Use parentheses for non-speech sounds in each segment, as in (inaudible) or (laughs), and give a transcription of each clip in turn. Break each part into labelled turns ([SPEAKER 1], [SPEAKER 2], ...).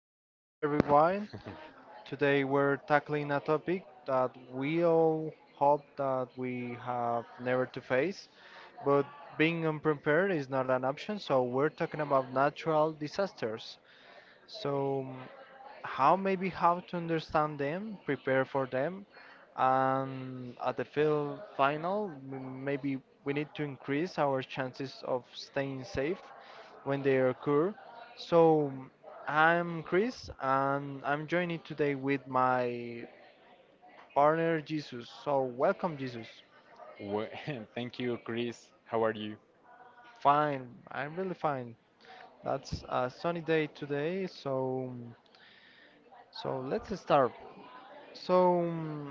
[SPEAKER 1] welcome everyone.
[SPEAKER 2] (laughs)
[SPEAKER 1] Today we're tackling a topic that we all hope that we have never to face, but being unprepared is not an option, so we're talking about natural disasters. So, how maybe how to understand them, prepare for them, and at the field final, maybe we need to increase our chances of staying safe when they occur. So I'm Chris, and I'm joining today with my partner Jesus. So welcome, Jesus.
[SPEAKER 2] Well, (laughs) thank you, Chris. How are you?
[SPEAKER 1] Fine, I'm really fine. That's a sunny day today, so so let's start. So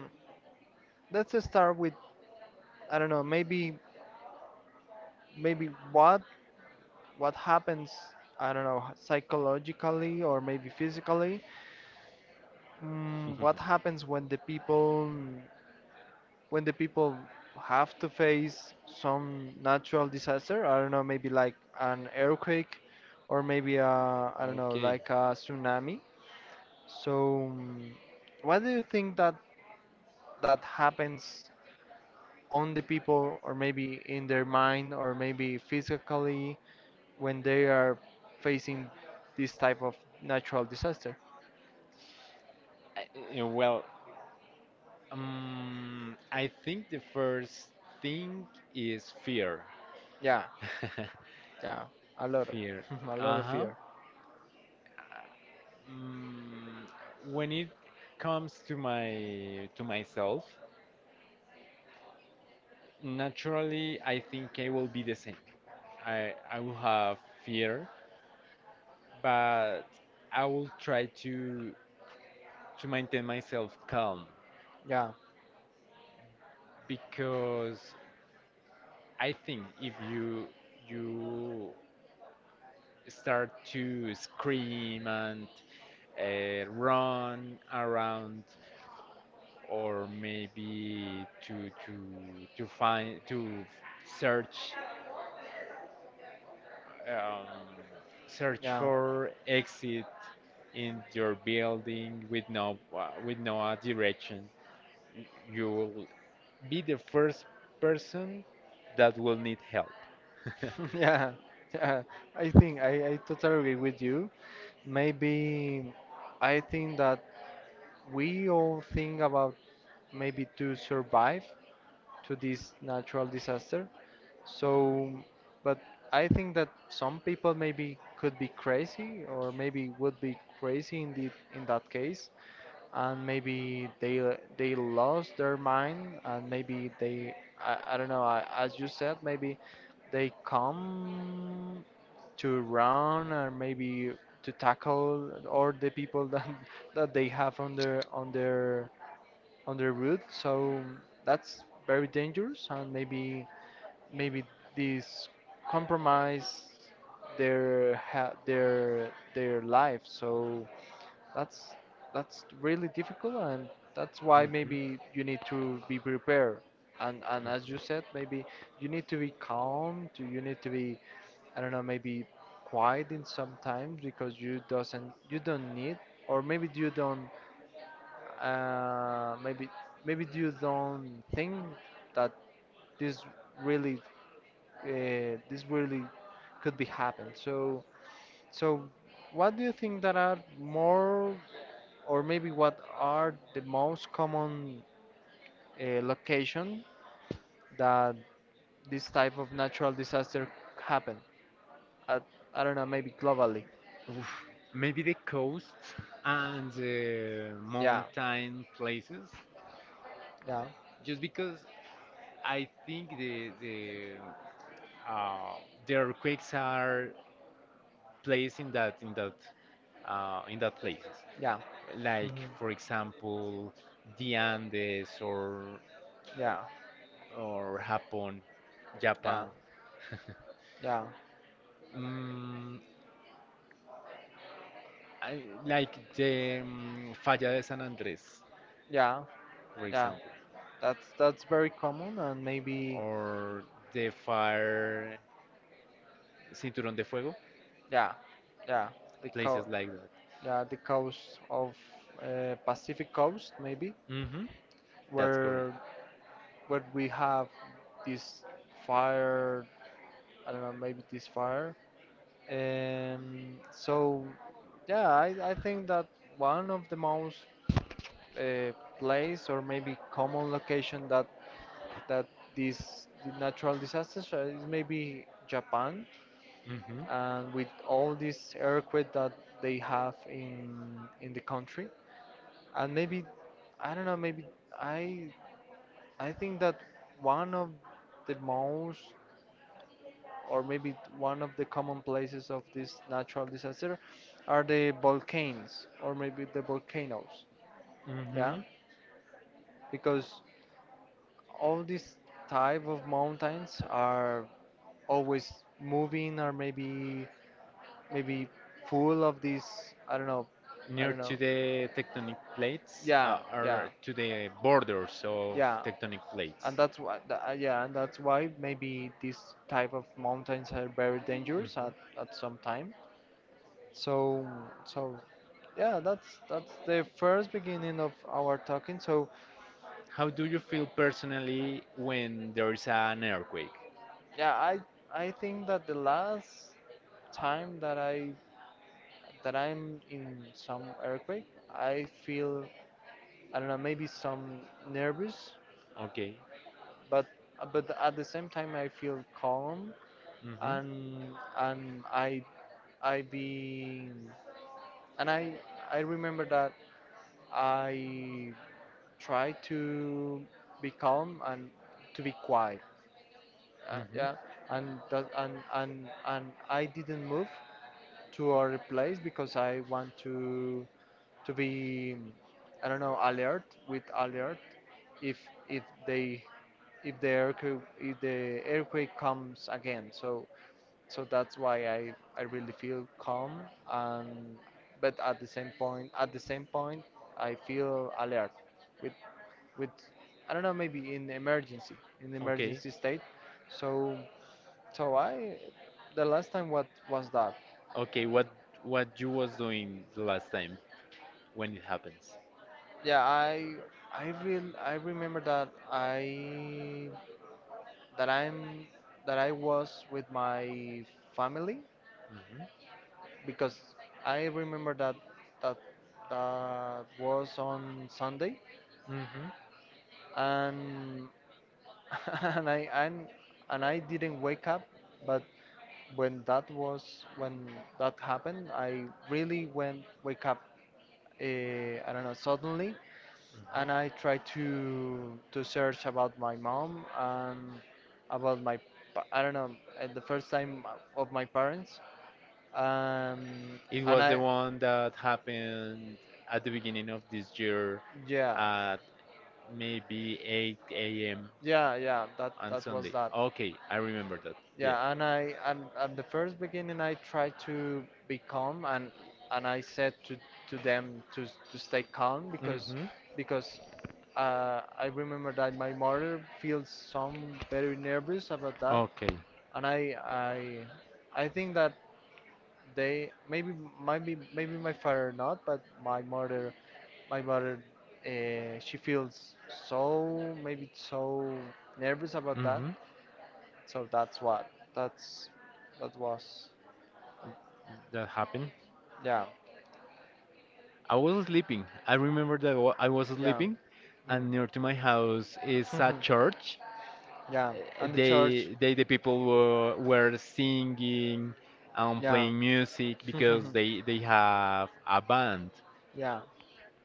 [SPEAKER 1] let's start with I don't know, maybe maybe what happens, I don't know, psychologically or maybe physically, what
[SPEAKER 2] (laughs)
[SPEAKER 1] happens when the people have to face some natural disaster? I don't know, maybe like an earthquake or maybe a, I don't know,
[SPEAKER 2] Okay.
[SPEAKER 1] like a tsunami. So, what do you think that that happens on the people or maybe in their mind or maybe physically, when they are facing this type of natural disaster?
[SPEAKER 2] I- Well, I think the first thing is fear.
[SPEAKER 1] Yeah,
[SPEAKER 2] (laughs)
[SPEAKER 1] yeah, a lot of,
[SPEAKER 2] Fear.
[SPEAKER 1] (laughs) a lot of
[SPEAKER 2] Uh-huh.
[SPEAKER 1] fear.
[SPEAKER 2] Mm, when it comes to my to myself, naturally, I think I will be the same. I will have fear, but I will try to maintain myself calm,
[SPEAKER 1] Yeah,
[SPEAKER 2] because I think if you start to scream and run around, or maybe to search um, search
[SPEAKER 1] yeah,
[SPEAKER 2] for exit in your building with no direction,
[SPEAKER 1] (laughs)
[SPEAKER 2] you will be the first person that will need help. (laughs)
[SPEAKER 1] yeah, yeah. I think I totally agree with you. Maybe I think that we all think about maybe to survive to this natural disaster. So, but I think that some people maybe could be crazy or maybe would be crazy in the, in that case, and maybe they lost their mind and maybe they, I don't know I, as you said maybe they come to run or maybe to tackle all the people that (laughs) that they have on their on the route. So that's very dangerous, and maybe maybe this compromise their ha their life. So that's that's really difficult, and that's why
[SPEAKER 2] Mhm.
[SPEAKER 1] maybe you need to be prepared. And as you said, maybe you need to be calm. To, you need to be I don't know, maybe quiet in sometimes because you doesn't you don't need or maybe you don't maybe maybe you don't think that this really this really could be happened. So so what do you think that are more or maybe what are the most common location that this type of natural disaster happen? I, I don't know, maybe globally.
[SPEAKER 2] Oof, maybe the coast and the
[SPEAKER 1] Yeah.
[SPEAKER 2] mountain places,
[SPEAKER 1] Yeah.
[SPEAKER 2] just because I think uh, the earthquakes are placed in that places.
[SPEAKER 1] Yeah.
[SPEAKER 2] Like,
[SPEAKER 1] Mhm.
[SPEAKER 2] for example, the Andes, or
[SPEAKER 1] Yeah.
[SPEAKER 2] Japan,
[SPEAKER 1] Yeah.
[SPEAKER 2] Japan. (laughs)
[SPEAKER 1] Yeah.
[SPEAKER 2] Mm, I, like the Falla de San Andrés,
[SPEAKER 1] Yeah.
[SPEAKER 2] for
[SPEAKER 1] Yeah.
[SPEAKER 2] example,
[SPEAKER 1] That's very common and maybe
[SPEAKER 2] or the Fire Cinturón de Fuego,
[SPEAKER 1] yeah. Yeah. The co
[SPEAKER 2] places like that.
[SPEAKER 1] yeah, the coast of Pacific coast maybe
[SPEAKER 2] Hmm. That's correct.
[SPEAKER 1] where where we have this fire, I don't know, maybe this fire. So yeah, I think that one of the most uh, place or maybe common location that that these the natural disasters is maybe Japan
[SPEAKER 2] Hmm.
[SPEAKER 1] and with all this earthquake that they have in the country and maybe I don't know maybe I I think that one of the most or maybe one of the common places of this natural disaster are the volcanoes or maybe the volcanoes yeah
[SPEAKER 2] Hmm.
[SPEAKER 1] because all these type of mountains are always moving or maybe maybe full of this I
[SPEAKER 2] Near
[SPEAKER 1] don't know
[SPEAKER 2] to the tectonic plates,
[SPEAKER 1] yeah yeah
[SPEAKER 2] or to the borders of
[SPEAKER 1] yeah
[SPEAKER 2] tectonic plates.
[SPEAKER 1] and that's why yeah and that's why maybe these type of mountains are very dangerous
[SPEAKER 2] Mhm.
[SPEAKER 1] at some time so so yeah that's the first beginning of our talking so
[SPEAKER 2] How do you feel personally when there is an earthquake?
[SPEAKER 1] yeah I think that the last time that I that I'm in some earthquake, I feel I don't know maybe some nervous,
[SPEAKER 2] Okay.
[SPEAKER 1] but but at the same time I feel calm
[SPEAKER 2] Hmm.
[SPEAKER 1] and and I be and I remember that I try to be calm and to be quiet.
[SPEAKER 2] Hmm.
[SPEAKER 1] Yeah, and that, and I didn't move to other place because I want to be I don't know alert with alert if if they if the earthquake comes again. So so that's why I really feel calm and but at the same point at the same point I feel alert with with I don't know maybe in
[SPEAKER 2] Okay.
[SPEAKER 1] emergency state. So so I the last time what was that?
[SPEAKER 2] Okay, what you was doing the last time when it happens?
[SPEAKER 1] Yeah, I real I remember that I that I'm that I was with my family
[SPEAKER 2] Hmm.
[SPEAKER 1] because I remember that that that was on Sunday
[SPEAKER 2] Hmm.
[SPEAKER 1] and (laughs) and I and, and I didn't wake up but when that was when that happened I really went wake up uh, I don't know suddenly
[SPEAKER 2] Hmm.
[SPEAKER 1] and I try to search about my mom and about my I don't know the first time of my parents. Um,
[SPEAKER 2] It
[SPEAKER 1] and
[SPEAKER 2] was the
[SPEAKER 1] I
[SPEAKER 2] one that happened at the beginning of this year
[SPEAKER 1] yeah
[SPEAKER 2] at maybe 8 a.m.
[SPEAKER 1] yeah yeah that
[SPEAKER 2] on
[SPEAKER 1] that was
[SPEAKER 2] Sunday.
[SPEAKER 1] that.
[SPEAKER 2] Okay, I remember that. Yeah.
[SPEAKER 1] Yeah, and I and at the first beginning I tried to be calm and I said to them to to stay calm
[SPEAKER 2] Mm-hmm.
[SPEAKER 1] because I remember that my mother feels some very nervous about that,
[SPEAKER 2] Okay.
[SPEAKER 1] and I I think that they maybe maybe maybe my father not, but my mother she feels so maybe so nervous about that.
[SPEAKER 2] Mm-hmm.
[SPEAKER 1] So that's what that's that was
[SPEAKER 2] That happened.
[SPEAKER 1] yeah
[SPEAKER 2] I was sleeping. I remember that I was
[SPEAKER 1] yeah.
[SPEAKER 2] sleeping,
[SPEAKER 1] Mm.
[SPEAKER 2] and near to my house is a church.
[SPEAKER 1] (laughs) yeah, and the church.
[SPEAKER 2] The people were singing and
[SPEAKER 1] Yeah.
[SPEAKER 2] playing music
[SPEAKER 1] (laughs)
[SPEAKER 2] because they have a band,
[SPEAKER 1] Yeah,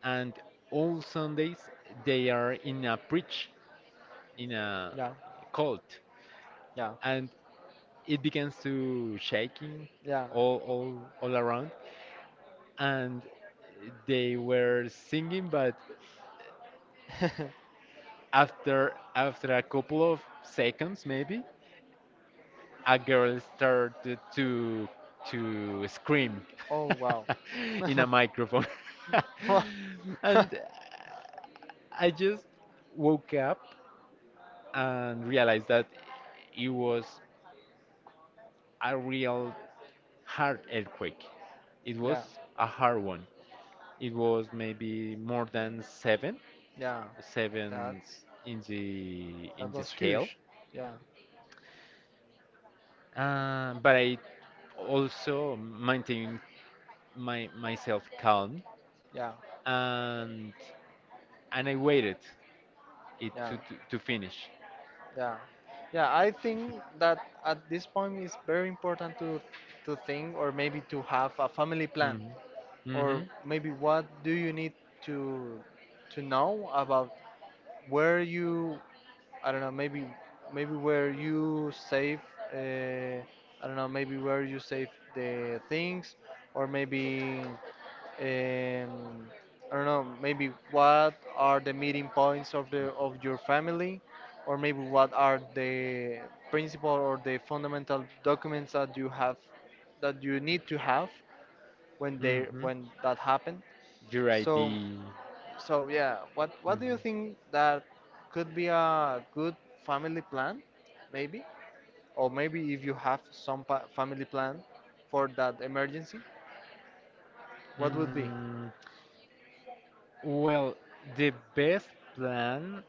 [SPEAKER 2] and all Sundays they are in a preach, in a
[SPEAKER 1] yeah,
[SPEAKER 2] cult,
[SPEAKER 1] yeah,
[SPEAKER 2] and it begins to shaking
[SPEAKER 1] yeah.
[SPEAKER 2] all around, and they were singing, but
[SPEAKER 1] (laughs)
[SPEAKER 2] after a couple of seconds maybe a girl started to scream
[SPEAKER 1] Oh, wow. (laughs)
[SPEAKER 2] (laughs) in a
[SPEAKER 1] (laughs)
[SPEAKER 2] microphone. (laughs) And I just woke up and realized that it was a real hard earthquake. It was
[SPEAKER 1] Yeah,
[SPEAKER 2] a hard one. It was maybe more than 7,
[SPEAKER 1] yeah.
[SPEAKER 2] 7
[SPEAKER 1] That's
[SPEAKER 2] in the
[SPEAKER 1] that was
[SPEAKER 2] scale,
[SPEAKER 1] huge. Yeah,
[SPEAKER 2] but I also maintained my myself calm,
[SPEAKER 1] yeah,
[SPEAKER 2] and I waited it
[SPEAKER 1] yeah,
[SPEAKER 2] to finish.
[SPEAKER 1] yeah. Yeah, I think that
[SPEAKER 2] (laughs)
[SPEAKER 1] at this point it's very important to think or maybe to have a family plan,
[SPEAKER 2] Mhm.
[SPEAKER 1] or
[SPEAKER 2] Mhm.
[SPEAKER 1] maybe what do you need to to know about where you I don't know maybe maybe where you save uh, I don't know maybe where you save the things or maybe um, I don't know maybe what are the meeting points of the of your family or maybe what are the principal or the fundamental documents that you have that you need to have when they
[SPEAKER 2] Mhm.
[SPEAKER 1] when that happened.
[SPEAKER 2] Your
[SPEAKER 1] So
[SPEAKER 2] ID.
[SPEAKER 1] so yeah, what do you think that could be a good family plan, maybe? Or maybe if you have some pa family plan for that emergency, what would be?
[SPEAKER 2] Mm, well, the best plan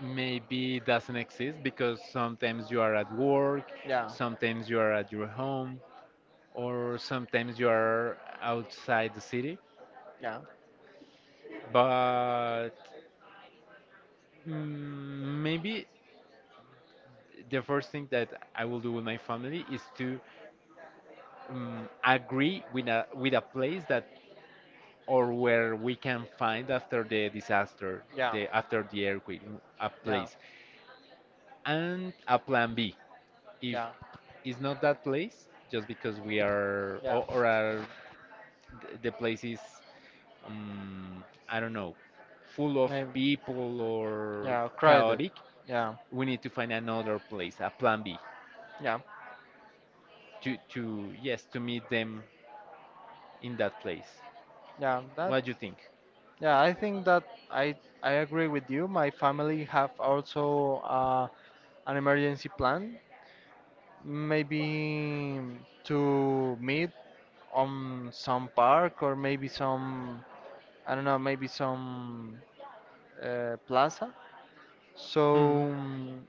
[SPEAKER 2] maybe doesn't exist, because sometimes you are at work,
[SPEAKER 1] Yeah,
[SPEAKER 2] sometimes you are at your home, or sometimes you are outside the city. But maybe the first thing that I will do with my family is to agree with a place that or where we can find after the disaster,
[SPEAKER 1] yeah,
[SPEAKER 2] the
[SPEAKER 1] yeah,
[SPEAKER 2] after the earthquake, a
[SPEAKER 1] yeah.
[SPEAKER 2] place, and a plan B. If
[SPEAKER 1] Yeah.
[SPEAKER 2] it's not that place, just because we are
[SPEAKER 1] Yeah.
[SPEAKER 2] or are th- the place is, um, I don't know, full of
[SPEAKER 1] Maybe.
[SPEAKER 2] people or
[SPEAKER 1] Yeah, crowded.
[SPEAKER 2] chaotic,
[SPEAKER 1] Yeah.
[SPEAKER 2] we need to find another place, a plan B,
[SPEAKER 1] Yeah.
[SPEAKER 2] to meet them in that place.
[SPEAKER 1] Yeah. That.
[SPEAKER 2] What do you think?
[SPEAKER 1] Yeah, I think that I I agree with you. My family have also an emergency plan, maybe to meet on some park or maybe some I don't know, maybe some plaza.
[SPEAKER 2] Hmm.
[SPEAKER 1] So,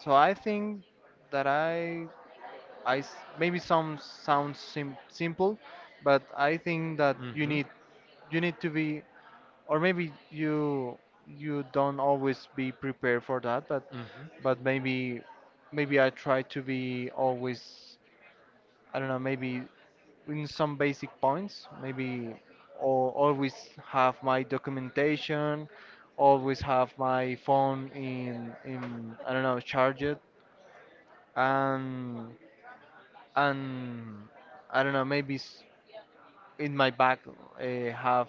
[SPEAKER 1] so I think that I, maybe some sounds sim simple, but I think that
[SPEAKER 2] Mhm.
[SPEAKER 1] you need to be, or maybe you you don't always be prepared for that,
[SPEAKER 2] Mhm.
[SPEAKER 1] but maybe maybe I try to be always I don't know, maybe in some basic points, maybe or always have my documentation, always have my phone in I don't know, Charge it and and I don't know, maybe in my bag have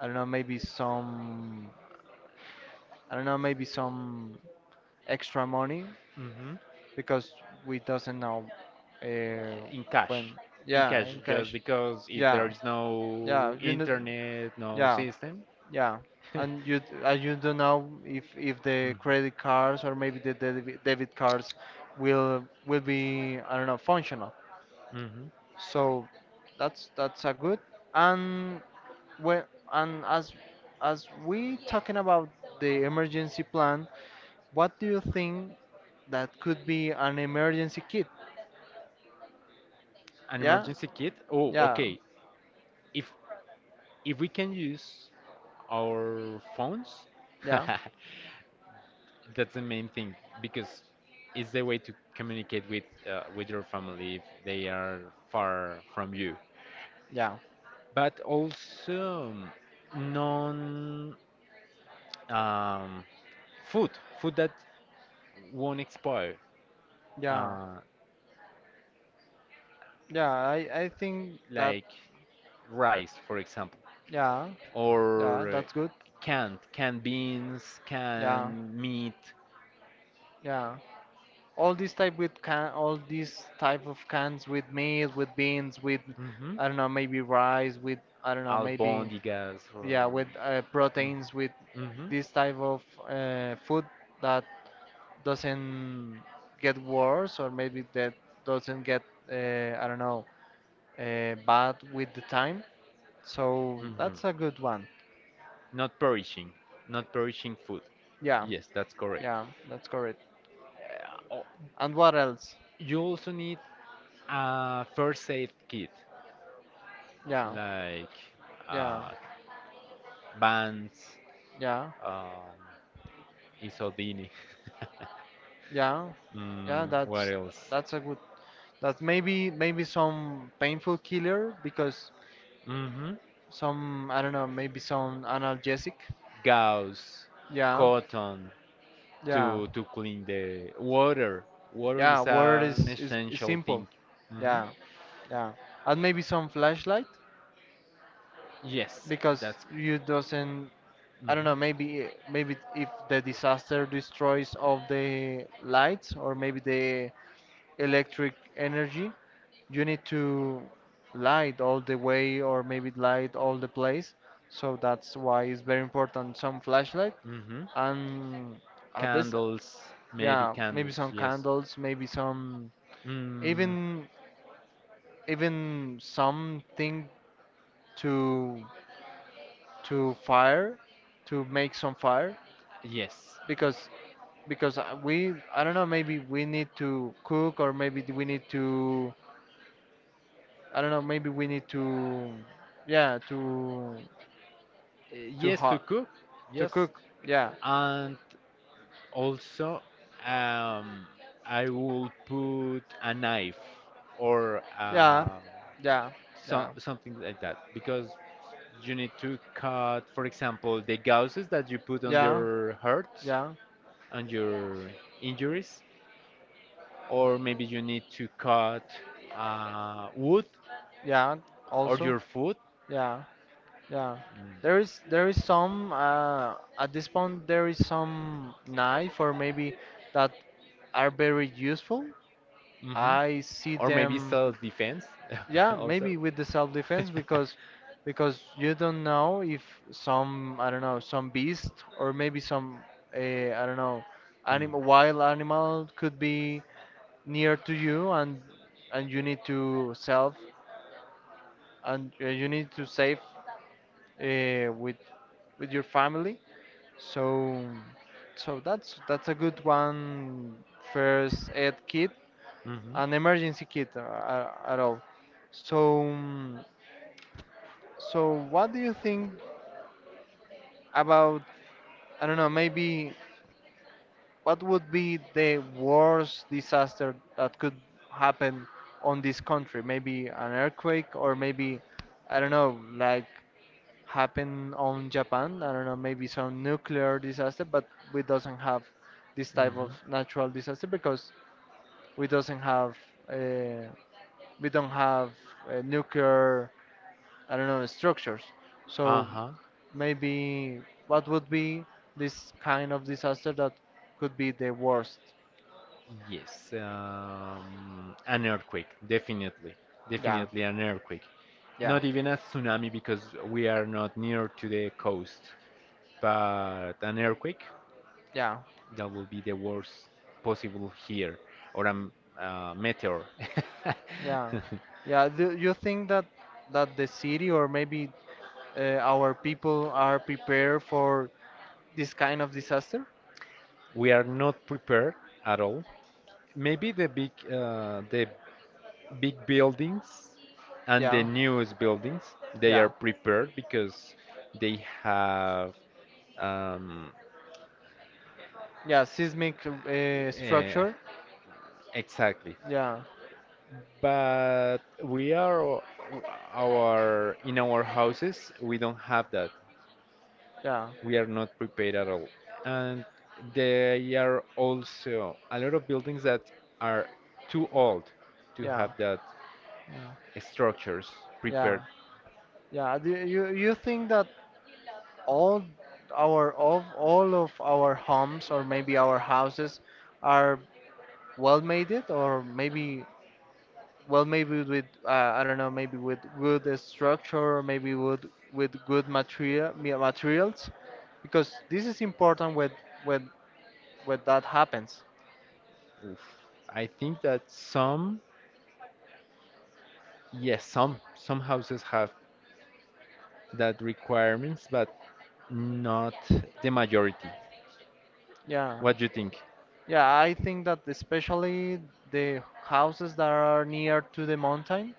[SPEAKER 1] I don't know, maybe some I don't know, maybe some extra money
[SPEAKER 2] Mhm.
[SPEAKER 1] because we doesn't know uh,
[SPEAKER 2] In
[SPEAKER 1] when
[SPEAKER 2] cash. In
[SPEAKER 1] yeah,
[SPEAKER 2] cash,
[SPEAKER 1] in
[SPEAKER 2] just
[SPEAKER 1] cash.
[SPEAKER 2] because if
[SPEAKER 1] Yeah.
[SPEAKER 2] there is
[SPEAKER 1] Yeah,
[SPEAKER 2] no
[SPEAKER 1] you know,
[SPEAKER 2] internet, no
[SPEAKER 1] yeah,
[SPEAKER 2] system.
[SPEAKER 1] yeah.
[SPEAKER 2] (laughs)
[SPEAKER 1] And you you don't know if the credit cards or maybe the debit cards will be I don't know functional.
[SPEAKER 2] Mm. Hmm.
[SPEAKER 1] So that's a good. And when and as we talking about the emergency plan, what do you think that could be an emergency kit?
[SPEAKER 2] An
[SPEAKER 1] Yeah,
[SPEAKER 2] emergency kit? Oh,
[SPEAKER 1] yeah,
[SPEAKER 2] okay. If if we can use our phones,
[SPEAKER 1] yeah,
[SPEAKER 2] (laughs) that's the main thing, because it's the way to communicate with your family if they are far from you.
[SPEAKER 1] yeah,
[SPEAKER 2] But also, non um, food, food that won't expire.
[SPEAKER 1] yeah,
[SPEAKER 2] Uh,
[SPEAKER 1] yeah. I think that.
[SPEAKER 2] like rice, for example,
[SPEAKER 1] Yeah. Yeah,
[SPEAKER 2] or
[SPEAKER 1] that's good.
[SPEAKER 2] canned beans,
[SPEAKER 1] Yeah.
[SPEAKER 2] canned meat.
[SPEAKER 1] Yeah. All these type with can all these type of cans with meat, with beans, with
[SPEAKER 2] Hmm.
[SPEAKER 1] I don't know, maybe rice, with I don't know, okay, maybe
[SPEAKER 2] Albondigas. Or —
[SPEAKER 1] yeah, with proteins, with
[SPEAKER 2] Mhm. Mhm.
[SPEAKER 1] this type of food that doesn't get worse or maybe that doesn't get uh, I don't know, bad with the time. So
[SPEAKER 2] Mhm.
[SPEAKER 1] that's a good one.
[SPEAKER 2] Not perishing, not perishing food.
[SPEAKER 1] Yeah.
[SPEAKER 2] Yes, that's correct.
[SPEAKER 1] Yeah, that's correct.
[SPEAKER 2] Uh, o-
[SPEAKER 1] And what else?
[SPEAKER 2] you also need a first aid kit,
[SPEAKER 1] Yeah,
[SPEAKER 2] like
[SPEAKER 1] yeah,
[SPEAKER 2] uh, Vans,
[SPEAKER 1] yeah,
[SPEAKER 2] um, Isodini.
[SPEAKER 1] yeah,
[SPEAKER 2] (laughs)
[SPEAKER 1] yeah.
[SPEAKER 2] What else?
[SPEAKER 1] That's a good. That's maybe maybe some painful killer because
[SPEAKER 2] Hmm.
[SPEAKER 1] some I don't know maybe some analgesic.
[SPEAKER 2] Gauss,
[SPEAKER 1] Yeah,
[SPEAKER 2] cotton,
[SPEAKER 1] yeah,
[SPEAKER 2] to clean the water. Water
[SPEAKER 1] yeah.
[SPEAKER 2] is
[SPEAKER 1] Word
[SPEAKER 2] an
[SPEAKER 1] is
[SPEAKER 2] essential
[SPEAKER 1] simple.
[SPEAKER 2] thing. Hmm.
[SPEAKER 1] Yeah, yeah. And maybe some flashlight,
[SPEAKER 2] Yes,
[SPEAKER 1] because
[SPEAKER 2] that's.
[SPEAKER 1] you doesn't I don't know
[SPEAKER 2] Mhm.
[SPEAKER 1] maybe maybe if the disaster destroys all the lights or maybe the electric energy you need to light all the way or maybe light all the place so that's why it's very important some flashlight
[SPEAKER 2] Mhm.
[SPEAKER 1] and at this
[SPEAKER 2] Candles, maybe
[SPEAKER 1] yeah maybe
[SPEAKER 2] candles,
[SPEAKER 1] some
[SPEAKER 2] yes.
[SPEAKER 1] candles maybe some
[SPEAKER 2] Mm.
[SPEAKER 1] even even something to to fire to make some fire
[SPEAKER 2] Yes.
[SPEAKER 1] because because we I don't know maybe we need to cook or maybe we need to I don't know maybe we need to yeah to
[SPEAKER 2] Yes, to
[SPEAKER 1] hot
[SPEAKER 2] cook.
[SPEAKER 1] to
[SPEAKER 2] Yes.
[SPEAKER 1] cook yeah
[SPEAKER 2] And also, um, I will put a knife, or
[SPEAKER 1] yeah yeah yeah
[SPEAKER 2] so, something like that, because you need to cut, for example, the gauzes that you put on
[SPEAKER 1] yeah
[SPEAKER 2] your hurts
[SPEAKER 1] yeah
[SPEAKER 2] and your injuries, or maybe you need to cut wood,
[SPEAKER 1] yeah
[SPEAKER 2] or
[SPEAKER 1] also
[SPEAKER 2] your food.
[SPEAKER 1] yeah. Yeah, there
[SPEAKER 2] Mm.
[SPEAKER 1] is some at this point there is some knife or maybe that are very useful.
[SPEAKER 2] Mhm.
[SPEAKER 1] I see
[SPEAKER 2] Them, maybe
[SPEAKER 1] them.
[SPEAKER 2] self-defense. (laughs) Yeah, maybe
[SPEAKER 1] Yeah,
[SPEAKER 2] also.
[SPEAKER 1] maybe
[SPEAKER 2] (laughs)
[SPEAKER 1] with the self-defense because you don't know if some I don't know some beast or maybe some I don't know
[SPEAKER 2] Mm.
[SPEAKER 1] animal wild animal could be near to you and you need to self and you need to save uh, with with your family. So so that's a good one. First aid kit,
[SPEAKER 2] Mhm.
[SPEAKER 1] an emergency kit at all. So mm, so what do you think about, I don't know, maybe what would be the worst disaster that could happen on this country? Maybe an earthquake, or maybe I don't know, like happen on Japan. I don't know, maybe some nuclear disaster, but we doesn't have this type of
[SPEAKER 2] Mhm.
[SPEAKER 1] natural disaster because we doesn't have uh, we don't have nuclear, I don't know, structures. So
[SPEAKER 2] Uh-huh.
[SPEAKER 1] maybe what would be this kind of disaster that could be the worst?
[SPEAKER 2] Yes. An earthquake, definitely.
[SPEAKER 1] Yeah,
[SPEAKER 2] Definitely an earthquake.
[SPEAKER 1] yeah,
[SPEAKER 2] Not even a tsunami, because we are not near to the coast, but an earthquake,
[SPEAKER 1] yeah,
[SPEAKER 2] that will be the worst possible here. Or a meteor.
[SPEAKER 1] yeah,
[SPEAKER 2] (laughs)
[SPEAKER 1] yeah. Do you think that the city, or maybe our people are prepared for this kind of disaster.
[SPEAKER 2] We are not prepared at all. Maybe the big buildings and the
[SPEAKER 1] Yeah,
[SPEAKER 2] newest buildings, they
[SPEAKER 1] yeah,
[SPEAKER 2] are prepared, because they have um,
[SPEAKER 1] yeah, seismic
[SPEAKER 2] eh,
[SPEAKER 1] structure.
[SPEAKER 2] exactly.
[SPEAKER 1] Yeah,
[SPEAKER 2] But we are o- our in our houses we don't have that.
[SPEAKER 1] yeah,
[SPEAKER 2] We are not prepared at all, and there are also a lot of buildings that are too old to
[SPEAKER 1] yeah,
[SPEAKER 2] have that
[SPEAKER 1] yeah,
[SPEAKER 2] structures
[SPEAKER 1] yeah,
[SPEAKER 2] prepared.
[SPEAKER 1] yeah. Do you think that all our of all of our homes, or maybe our houses, are well made it, or maybe well maybe with, I don't know, maybe with good structure, maybe with good materials, because this is important when when that happens?
[SPEAKER 2] Oof. I think that some, yes, some houses have that requirements, but not the majority.
[SPEAKER 1] Yeah,
[SPEAKER 2] What do you think?
[SPEAKER 1] yeah, I think that especially the houses that are near to the mountain,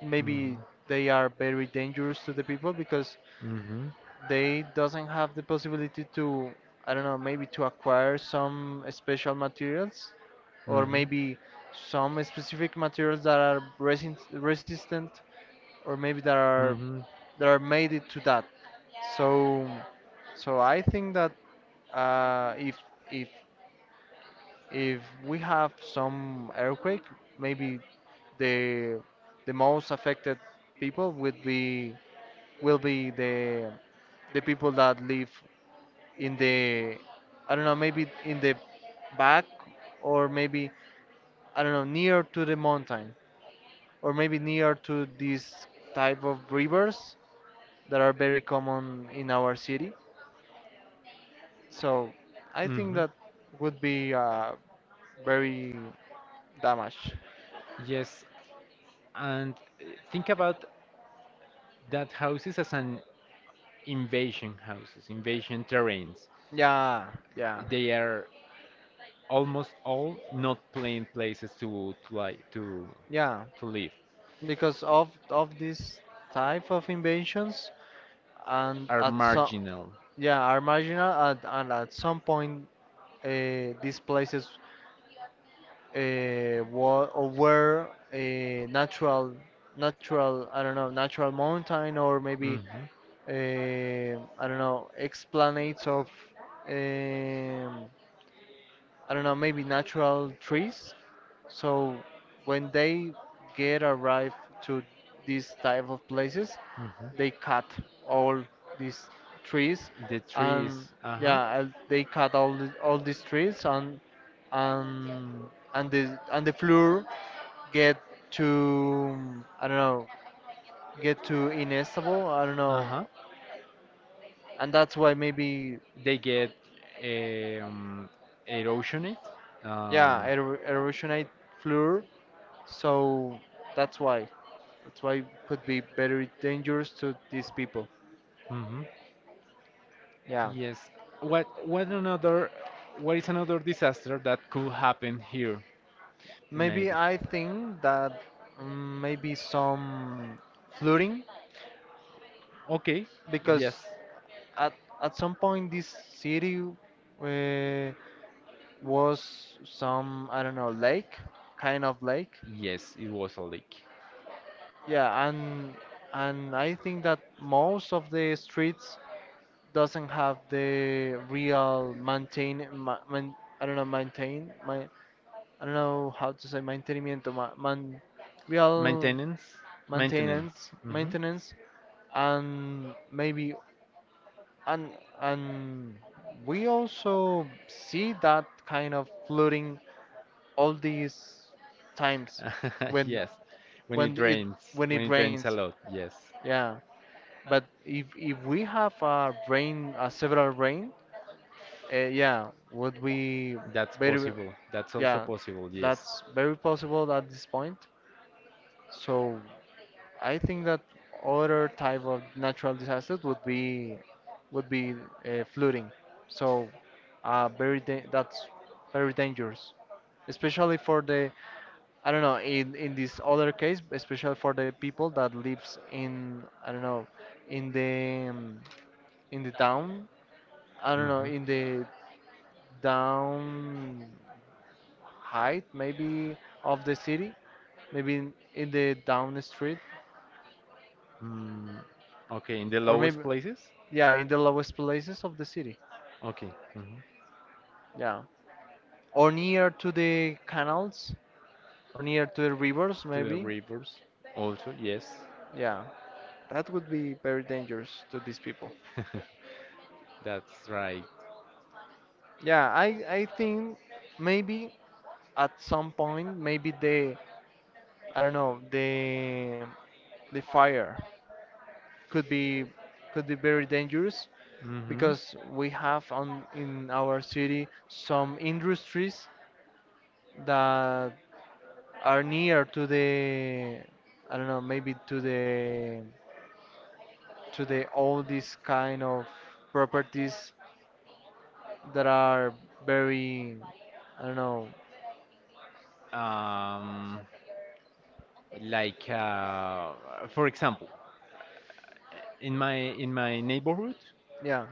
[SPEAKER 1] maybe
[SPEAKER 2] Hmm.
[SPEAKER 1] they are very dangerous to the people because
[SPEAKER 2] Hmm.
[SPEAKER 1] they doesn't have the possibility to, I don't know, maybe to acquire some special materials, or
[SPEAKER 2] Hmm.
[SPEAKER 1] maybe some specific materials that are resin resistant, or maybe that are
[SPEAKER 2] Hmm. Hmm.
[SPEAKER 1] made it to that. So so I think that, uh, if if if we have some earthquake, maybe the the most affected people would be will be the people that live in the, I don't know, maybe in the back, or maybe, I don't know, near to the mountain, or maybe near to these type of rivers that are very common in our city. So I think that would be, very damage.
[SPEAKER 2] Yes, and think about that houses as an invasion houses, invasion terrains.
[SPEAKER 1] Yeah, yeah,
[SPEAKER 2] They are almost all not plain places to to like to
[SPEAKER 1] yeah.
[SPEAKER 2] to live.
[SPEAKER 1] Because of this type of inventions, and
[SPEAKER 2] Are
[SPEAKER 1] at some,
[SPEAKER 2] marginal.
[SPEAKER 1] yeah, are marginal, and at some point these places or were a natural, I don't know, natural mountain, or
[SPEAKER 2] Hmm.
[SPEAKER 1] maybe I don't know, explanates of um, I don't know, maybe natural trees. So when they get arrived to these type of places,
[SPEAKER 2] Hmm.
[SPEAKER 1] they cut all these trees,
[SPEAKER 2] The
[SPEAKER 1] and
[SPEAKER 2] trees. Uh huh,
[SPEAKER 1] yeah, they cut all the, all these trees, and and the, and the floor get to, I don't know, get to inestable. I don't
[SPEAKER 2] uh
[SPEAKER 1] know,
[SPEAKER 2] huh.
[SPEAKER 1] and that's why maybe,
[SPEAKER 2] They get um, erosionate.
[SPEAKER 1] yeah,
[SPEAKER 2] Um.
[SPEAKER 1] erosionate floor. So that's why. That's why it could be very dangerous to these people.
[SPEAKER 2] Mhm.
[SPEAKER 1] Yeah.
[SPEAKER 2] Yes. What what another what is another disaster that could happen here?
[SPEAKER 1] Maybe
[SPEAKER 2] Maybe.
[SPEAKER 1] I think that, maybe some flooding,
[SPEAKER 2] Okay.
[SPEAKER 1] because
[SPEAKER 2] Yes.
[SPEAKER 1] at some point this city uh, was some, I don't know, lake, kind of lake.
[SPEAKER 2] Yes, it was a leak.
[SPEAKER 1] Yeah, and I think that most of the streets doesn't have the real I don't know, maintain my I don't know how to say real
[SPEAKER 2] Maintenance. Maintenance.
[SPEAKER 1] maintenance
[SPEAKER 2] Hmm.
[SPEAKER 1] maintenance and maybe and and we also see that kind of flooding all these times
[SPEAKER 2] (laughs)
[SPEAKER 1] when
[SPEAKER 2] Yes. When it
[SPEAKER 1] when it
[SPEAKER 2] drains.
[SPEAKER 1] when
[SPEAKER 2] When
[SPEAKER 1] it
[SPEAKER 2] it drains a
[SPEAKER 1] rains.
[SPEAKER 2] lot. Yes.
[SPEAKER 1] Yeah, but if we have a rain, a several rain, yeah, would be
[SPEAKER 2] That's
[SPEAKER 1] very,
[SPEAKER 2] possible. That's also
[SPEAKER 1] yeah,
[SPEAKER 2] possible. Yes.
[SPEAKER 1] that's very possible at this point. So I think that other type of natural disasters would be, flooding. So, that's very dangerous, especially for the, I don't know, in this other case, especially for the people that lives in, I don't know, in the, in the town. I don't know,
[SPEAKER 2] Hmm.
[SPEAKER 1] in the down height maybe of the city, maybe in the down street,
[SPEAKER 2] Mm, okay. In the
[SPEAKER 1] or maybe,
[SPEAKER 2] lowest places.
[SPEAKER 1] yeah, in the lowest places of the city,
[SPEAKER 2] Okay. Hmm.
[SPEAKER 1] yeah, or near to the canals, or near to the rivers
[SPEAKER 2] To the
[SPEAKER 1] maybe.
[SPEAKER 2] rivers. Also. Yes.
[SPEAKER 1] Yeah, that would be very dangerous to these people.
[SPEAKER 2] (laughs) That's right.
[SPEAKER 1] Yeah, I think maybe at some point maybe the I don't know, the fire could be, very dangerous,
[SPEAKER 2] Hmm.
[SPEAKER 1] because we have on in our city some industries that are near to the, I don't know, maybe to the, all these kind of properties that are very, I don't know.
[SPEAKER 2] Um, like uh, for example, in my neighborhood,
[SPEAKER 1] Yeah,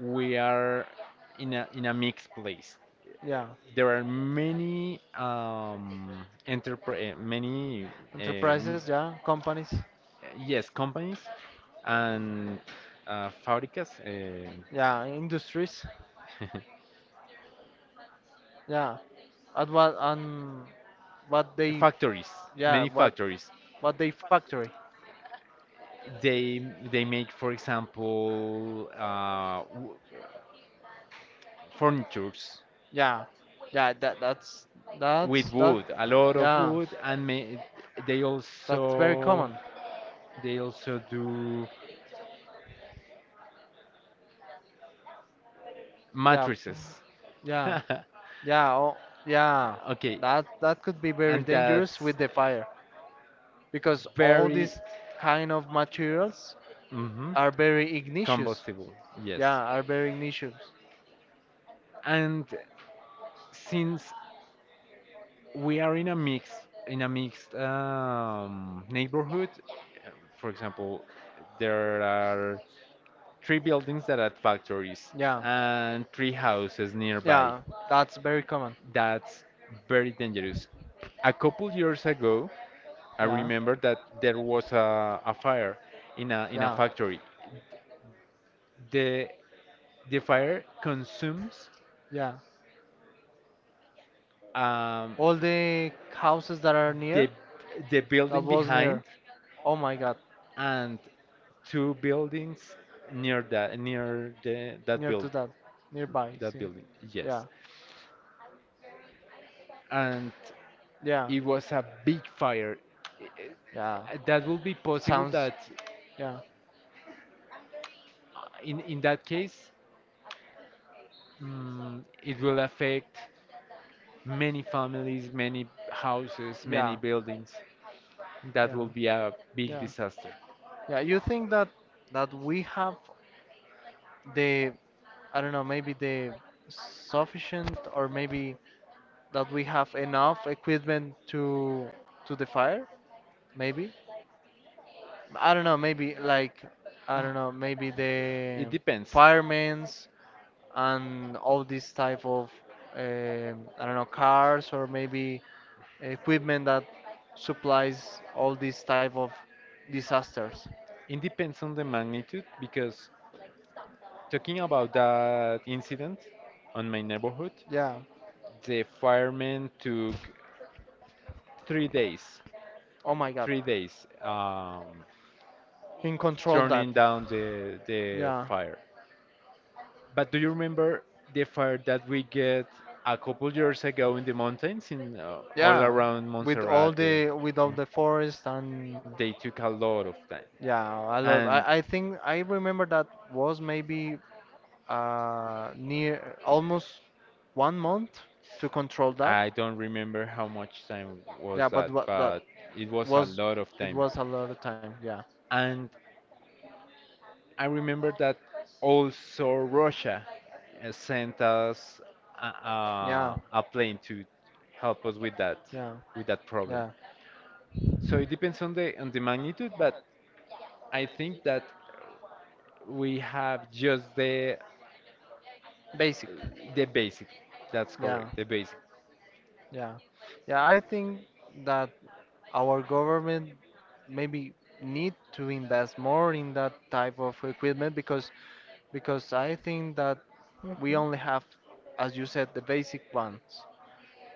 [SPEAKER 2] we are in a mixed place.
[SPEAKER 1] yeah,
[SPEAKER 2] There are many um,
[SPEAKER 1] enterprises, yeah, companies,
[SPEAKER 2] yes companies, and fabricas.
[SPEAKER 1] yeah, industries.
[SPEAKER 2] um (laughs)
[SPEAKER 1] Yeah, at what, on what they,
[SPEAKER 2] Factories,
[SPEAKER 1] yeah,
[SPEAKER 2] many
[SPEAKER 1] what
[SPEAKER 2] factories.
[SPEAKER 1] they factory.
[SPEAKER 2] They they make, for example, furnitures
[SPEAKER 1] Yeah, yeah, that that's
[SPEAKER 2] with
[SPEAKER 1] that,
[SPEAKER 2] wood, a lot of
[SPEAKER 1] yeah,
[SPEAKER 2] wood, they
[SPEAKER 1] that's very
[SPEAKER 2] also
[SPEAKER 1] common.
[SPEAKER 2] do
[SPEAKER 1] Yeah,
[SPEAKER 2] mattresses. (laughs)
[SPEAKER 1] yeah, yeah, oh, yeah.
[SPEAKER 2] Okay,
[SPEAKER 1] That that could be very
[SPEAKER 2] and
[SPEAKER 1] dangerous
[SPEAKER 2] that's
[SPEAKER 1] with the fire, because all
[SPEAKER 2] very,
[SPEAKER 1] these kind of materials
[SPEAKER 2] mhm,
[SPEAKER 1] are very igneous.
[SPEAKER 2] combustible. Yes,
[SPEAKER 1] Yeah, are very igneous.
[SPEAKER 2] and since we are in a mixed neighborhood. For example, there are three buildings that are factories,
[SPEAKER 1] Yeah,
[SPEAKER 2] and three houses nearby.
[SPEAKER 1] yeah, that's very common.
[SPEAKER 2] That's very dangerous. A couple years ago, I
[SPEAKER 1] Yeah,
[SPEAKER 2] remember that there was a fire in a
[SPEAKER 1] yeah,
[SPEAKER 2] factory. The the fire consumes
[SPEAKER 1] yeah.
[SPEAKER 2] um,
[SPEAKER 1] All the houses that are
[SPEAKER 2] the
[SPEAKER 1] near,
[SPEAKER 2] the
[SPEAKER 1] that
[SPEAKER 2] building
[SPEAKER 1] was
[SPEAKER 2] behind,
[SPEAKER 1] near. Oh my god,
[SPEAKER 2] and two buildings near that near the that
[SPEAKER 1] near to
[SPEAKER 2] build
[SPEAKER 1] that, nearby.
[SPEAKER 2] that
[SPEAKER 1] See,
[SPEAKER 2] building.
[SPEAKER 1] yeah,
[SPEAKER 2] Yes. And
[SPEAKER 1] yeah,
[SPEAKER 2] it was a big fire. I-
[SPEAKER 1] yeah.
[SPEAKER 2] That will be possible
[SPEAKER 1] Sounds,
[SPEAKER 2] that,
[SPEAKER 1] yeah,
[SPEAKER 2] in that case, it will affect many families, many houses, many
[SPEAKER 1] yeah,
[SPEAKER 2] buildings. That
[SPEAKER 1] yeah,
[SPEAKER 2] will be a big
[SPEAKER 1] yeah,
[SPEAKER 2] disaster.
[SPEAKER 1] yeah. You think that we have the, I don't know, maybe the sufficient, or maybe that we have enough equipment to, the fire, maybe, I don't know, maybe like, I don't know, maybe
[SPEAKER 2] It
[SPEAKER 1] the
[SPEAKER 2] depends.
[SPEAKER 1] firemen's and all this type of, I don't know, cars, or maybe equipment that supplies all these type of disasters.
[SPEAKER 2] It depends on the magnitude, because talking about that incident on my neighborhood,
[SPEAKER 1] Yeah.
[SPEAKER 2] the firemen took 3 days,
[SPEAKER 1] Oh my god,
[SPEAKER 2] 3 days,
[SPEAKER 1] can control that.
[SPEAKER 2] turning down the
[SPEAKER 1] Yeah.
[SPEAKER 2] fire. But do you remember the fire that we get a couple years ago in the mountains, in all
[SPEAKER 1] Yeah,
[SPEAKER 2] around
[SPEAKER 1] with all
[SPEAKER 2] Montserrat?
[SPEAKER 1] the, with all the forest, and
[SPEAKER 2] They took a lot of time,
[SPEAKER 1] yeah, I love.
[SPEAKER 2] and
[SPEAKER 1] I think I remember that was maybe near almost 1 month to control that.
[SPEAKER 2] I don't remember how much time was
[SPEAKER 1] Yeah, but
[SPEAKER 2] that,
[SPEAKER 1] what that
[SPEAKER 2] but it was a
[SPEAKER 1] was,
[SPEAKER 2] lot of
[SPEAKER 1] it
[SPEAKER 2] time.
[SPEAKER 1] was a lot of time. Yeah,
[SPEAKER 2] And I remember that also Russia sent us a,
[SPEAKER 1] yeah,
[SPEAKER 2] a, a plane to help us with that
[SPEAKER 1] yeah,
[SPEAKER 2] problem.
[SPEAKER 1] yeah.
[SPEAKER 2] So it depends on the magnitude, but I think that we have just the
[SPEAKER 1] Basic.
[SPEAKER 2] basic. That's
[SPEAKER 1] Yeah.
[SPEAKER 2] correct, the basic.
[SPEAKER 1] Yeah. Yeah, I think that our government maybe need to invest more in that type of equipment, because I think that we only have, as you said, the basic ones.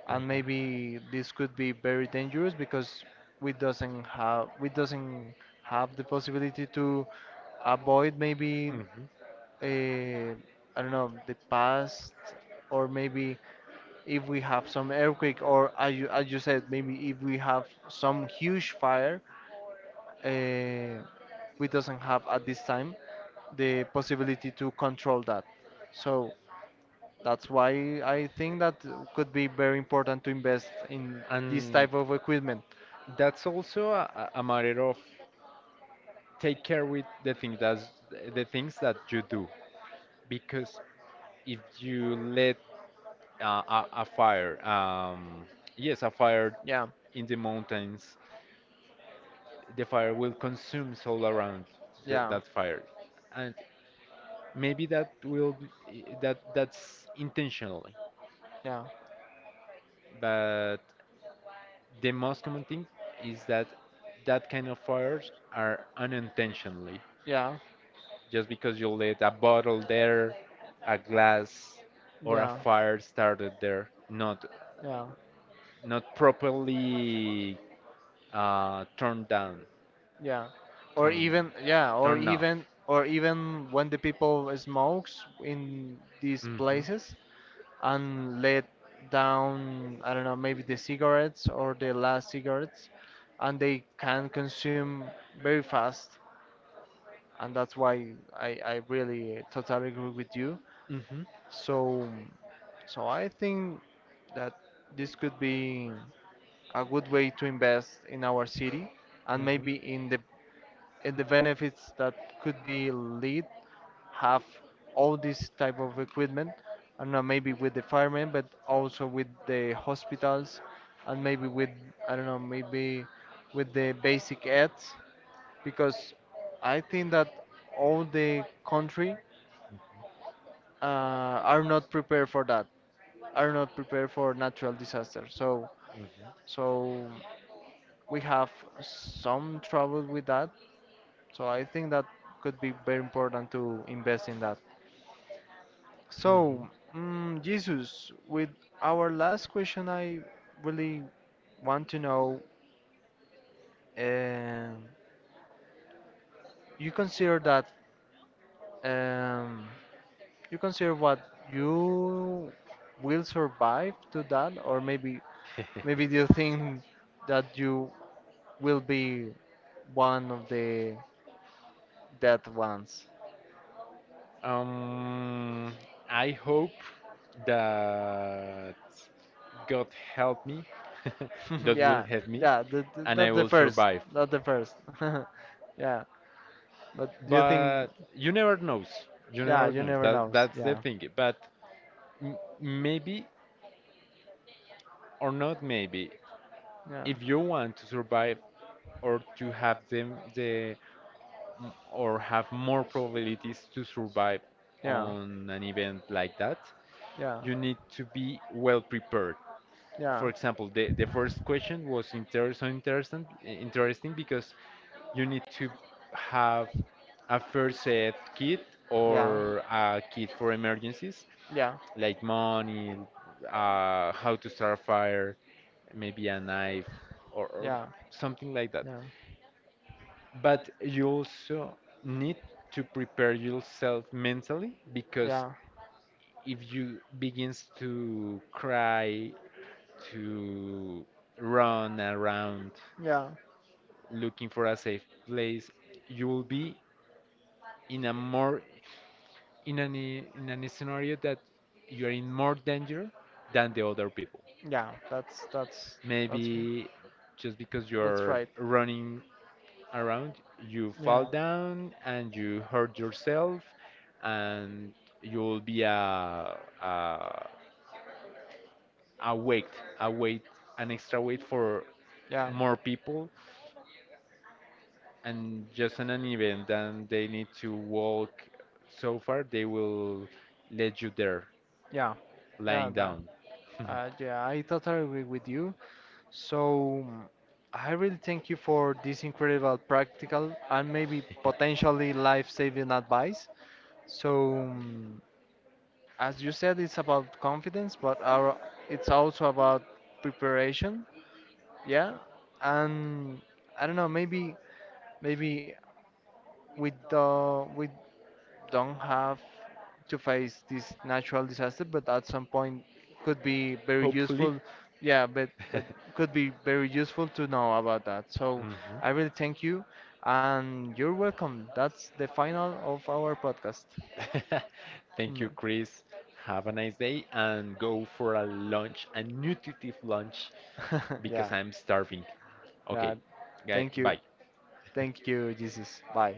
[SPEAKER 1] And
[SPEAKER 2] Mhm.
[SPEAKER 1] maybe this could be very dangerous, because we doesn't have, we doesn't have the possibility to avoid maybe,
[SPEAKER 2] Mhm.
[SPEAKER 1] uh, I don't know, the past, or maybe if we have some earthquake, or as you said, maybe if we have some huge fire, uh, we doesn't have at this time the possibility to control that. So that's why I think that could be very important to invest in this
[SPEAKER 2] And
[SPEAKER 1] type of equipment.
[SPEAKER 2] that's also a matter of take care with the things that you do, because if you let uh, a, a fire um, yes a fire
[SPEAKER 1] Yeah,
[SPEAKER 2] in the mountains, the fire will consume all around
[SPEAKER 1] yeah,
[SPEAKER 2] that fire, and maybe that will that that's intentionally,
[SPEAKER 1] yeah,
[SPEAKER 2] but the most common thing is that that kind of fires are unintentionally,
[SPEAKER 1] yeah.
[SPEAKER 2] just because you let a bottle there, a glass, or a
[SPEAKER 1] Yeah.
[SPEAKER 2] fire started there,
[SPEAKER 1] Yeah.
[SPEAKER 2] not properly turned down,
[SPEAKER 1] Yeah. Or
[SPEAKER 2] turned
[SPEAKER 1] even, yeah,
[SPEAKER 2] turned off.
[SPEAKER 1] or even when the people smokes in these
[SPEAKER 2] Mhm.
[SPEAKER 1] places and let down, I don't know, maybe the cigarettes, or the last cigarettes, and they can consume very fast. And that's why I really totally agree with you.
[SPEAKER 2] Mhm.
[SPEAKER 1] So, so I think that this could be a good way to invest in our city and
[SPEAKER 2] Mhm.
[SPEAKER 1] maybe in the, in the benefits that could be lead have all this type of equipment, I don't know, maybe with the firemen, but also with the hospitals, and maybe with, I don't know, maybe with the basic ads, because I think that all the country, are not prepared for that, are not prepared for natural disasters. So we have some trouble with that. So I think that could be very important to invest in that.
[SPEAKER 2] Mhm.
[SPEAKER 1] So, Jesus, with our last question, I really want to know, um, you consider that, um, you consider what you will survive to that, or maybe, maybe do you
[SPEAKER 2] Mhm.
[SPEAKER 1] think that you
[SPEAKER 2] (laughs)
[SPEAKER 1] will be one of the dead ones?
[SPEAKER 2] Um, I hope that God help me. (laughs)
[SPEAKER 1] (laughs)
[SPEAKER 2] God will
[SPEAKER 1] Yeah,
[SPEAKER 2] help me,
[SPEAKER 1] yeah, the,
[SPEAKER 2] and I
[SPEAKER 1] not the
[SPEAKER 2] will
[SPEAKER 1] first,
[SPEAKER 2] survive.
[SPEAKER 1] not the first. (laughs) Yeah, but you think,
[SPEAKER 2] But you never knows. You
[SPEAKER 1] yeah,
[SPEAKER 2] never
[SPEAKER 1] you
[SPEAKER 2] knows.
[SPEAKER 1] never
[SPEAKER 2] That
[SPEAKER 1] know.
[SPEAKER 2] that's the
[SPEAKER 1] Yeah,
[SPEAKER 2] thing. But m maybe, or not maybe, if you want to survive, or to have them the m- or have more probabilities to survive
[SPEAKER 1] yeah,
[SPEAKER 2] on an event like that,
[SPEAKER 1] yeah,
[SPEAKER 2] you need to be well prepared.
[SPEAKER 1] yeah,
[SPEAKER 2] For
[SPEAKER 1] yeah,
[SPEAKER 2] example, the first question was inter so interesting, interesting, because you need to have a first aid kit,
[SPEAKER 1] yeah.
[SPEAKER 2] or a kit for emergencies,
[SPEAKER 1] Yeah.
[SPEAKER 2] like money, how to start a fire, maybe a knife, or
[SPEAKER 1] Yeah.
[SPEAKER 2] something like that.
[SPEAKER 1] Yeah.
[SPEAKER 2] But you also need to prepare yourself mentally, because
[SPEAKER 1] Yeah.
[SPEAKER 2] if you begins to cry, to run around
[SPEAKER 1] Yeah.
[SPEAKER 2] looking for a safe place, you will be in a more in an scenario, that you are in more danger than the other people.
[SPEAKER 1] Yeah. That's
[SPEAKER 2] Maybe just because
[SPEAKER 1] that's
[SPEAKER 2] you're
[SPEAKER 1] right.
[SPEAKER 2] running around, you
[SPEAKER 1] Yeah.
[SPEAKER 2] fall down and you hurt yourself, and you'll be a weight, a weight, an extra weight for
[SPEAKER 1] Yeah.
[SPEAKER 2] more people, and just in an event and they need to walk so far, they will let you there,
[SPEAKER 1] Yeah. Yeah.
[SPEAKER 2] lying
[SPEAKER 1] That.
[SPEAKER 2] down.
[SPEAKER 1] Yeah, I totally agree with you. So I really thank you for this incredible practical, and maybe potentially life-saving advice. So, as you said, it's about confidence, but our, it's also about preparation. Yeah, and I don't know, maybe, maybe with the, with don't have to face this natural disaster, but at some point could be
[SPEAKER 2] (laughs)
[SPEAKER 1] very
[SPEAKER 2] Hopefully.
[SPEAKER 1] useful. Yeah, but could
[SPEAKER 2] (laughs)
[SPEAKER 1] be very useful to know about that. So
[SPEAKER 2] Mhm.
[SPEAKER 1] I really thank you, and you're welcome. That's the final of our podcast.
[SPEAKER 2] (laughs) Thank you,
[SPEAKER 1] No.
[SPEAKER 2] Chris. Have a nice day and go for a lunch, a nutritive lunch,
[SPEAKER 1] (laughs)
[SPEAKER 2] because
[SPEAKER 1] Yeah,
[SPEAKER 2] I'm starving.
[SPEAKER 1] yeah.
[SPEAKER 2] Okay, guy,
[SPEAKER 1] Thank you,
[SPEAKER 2] bye.
[SPEAKER 1] thank you, Jesus. Bye.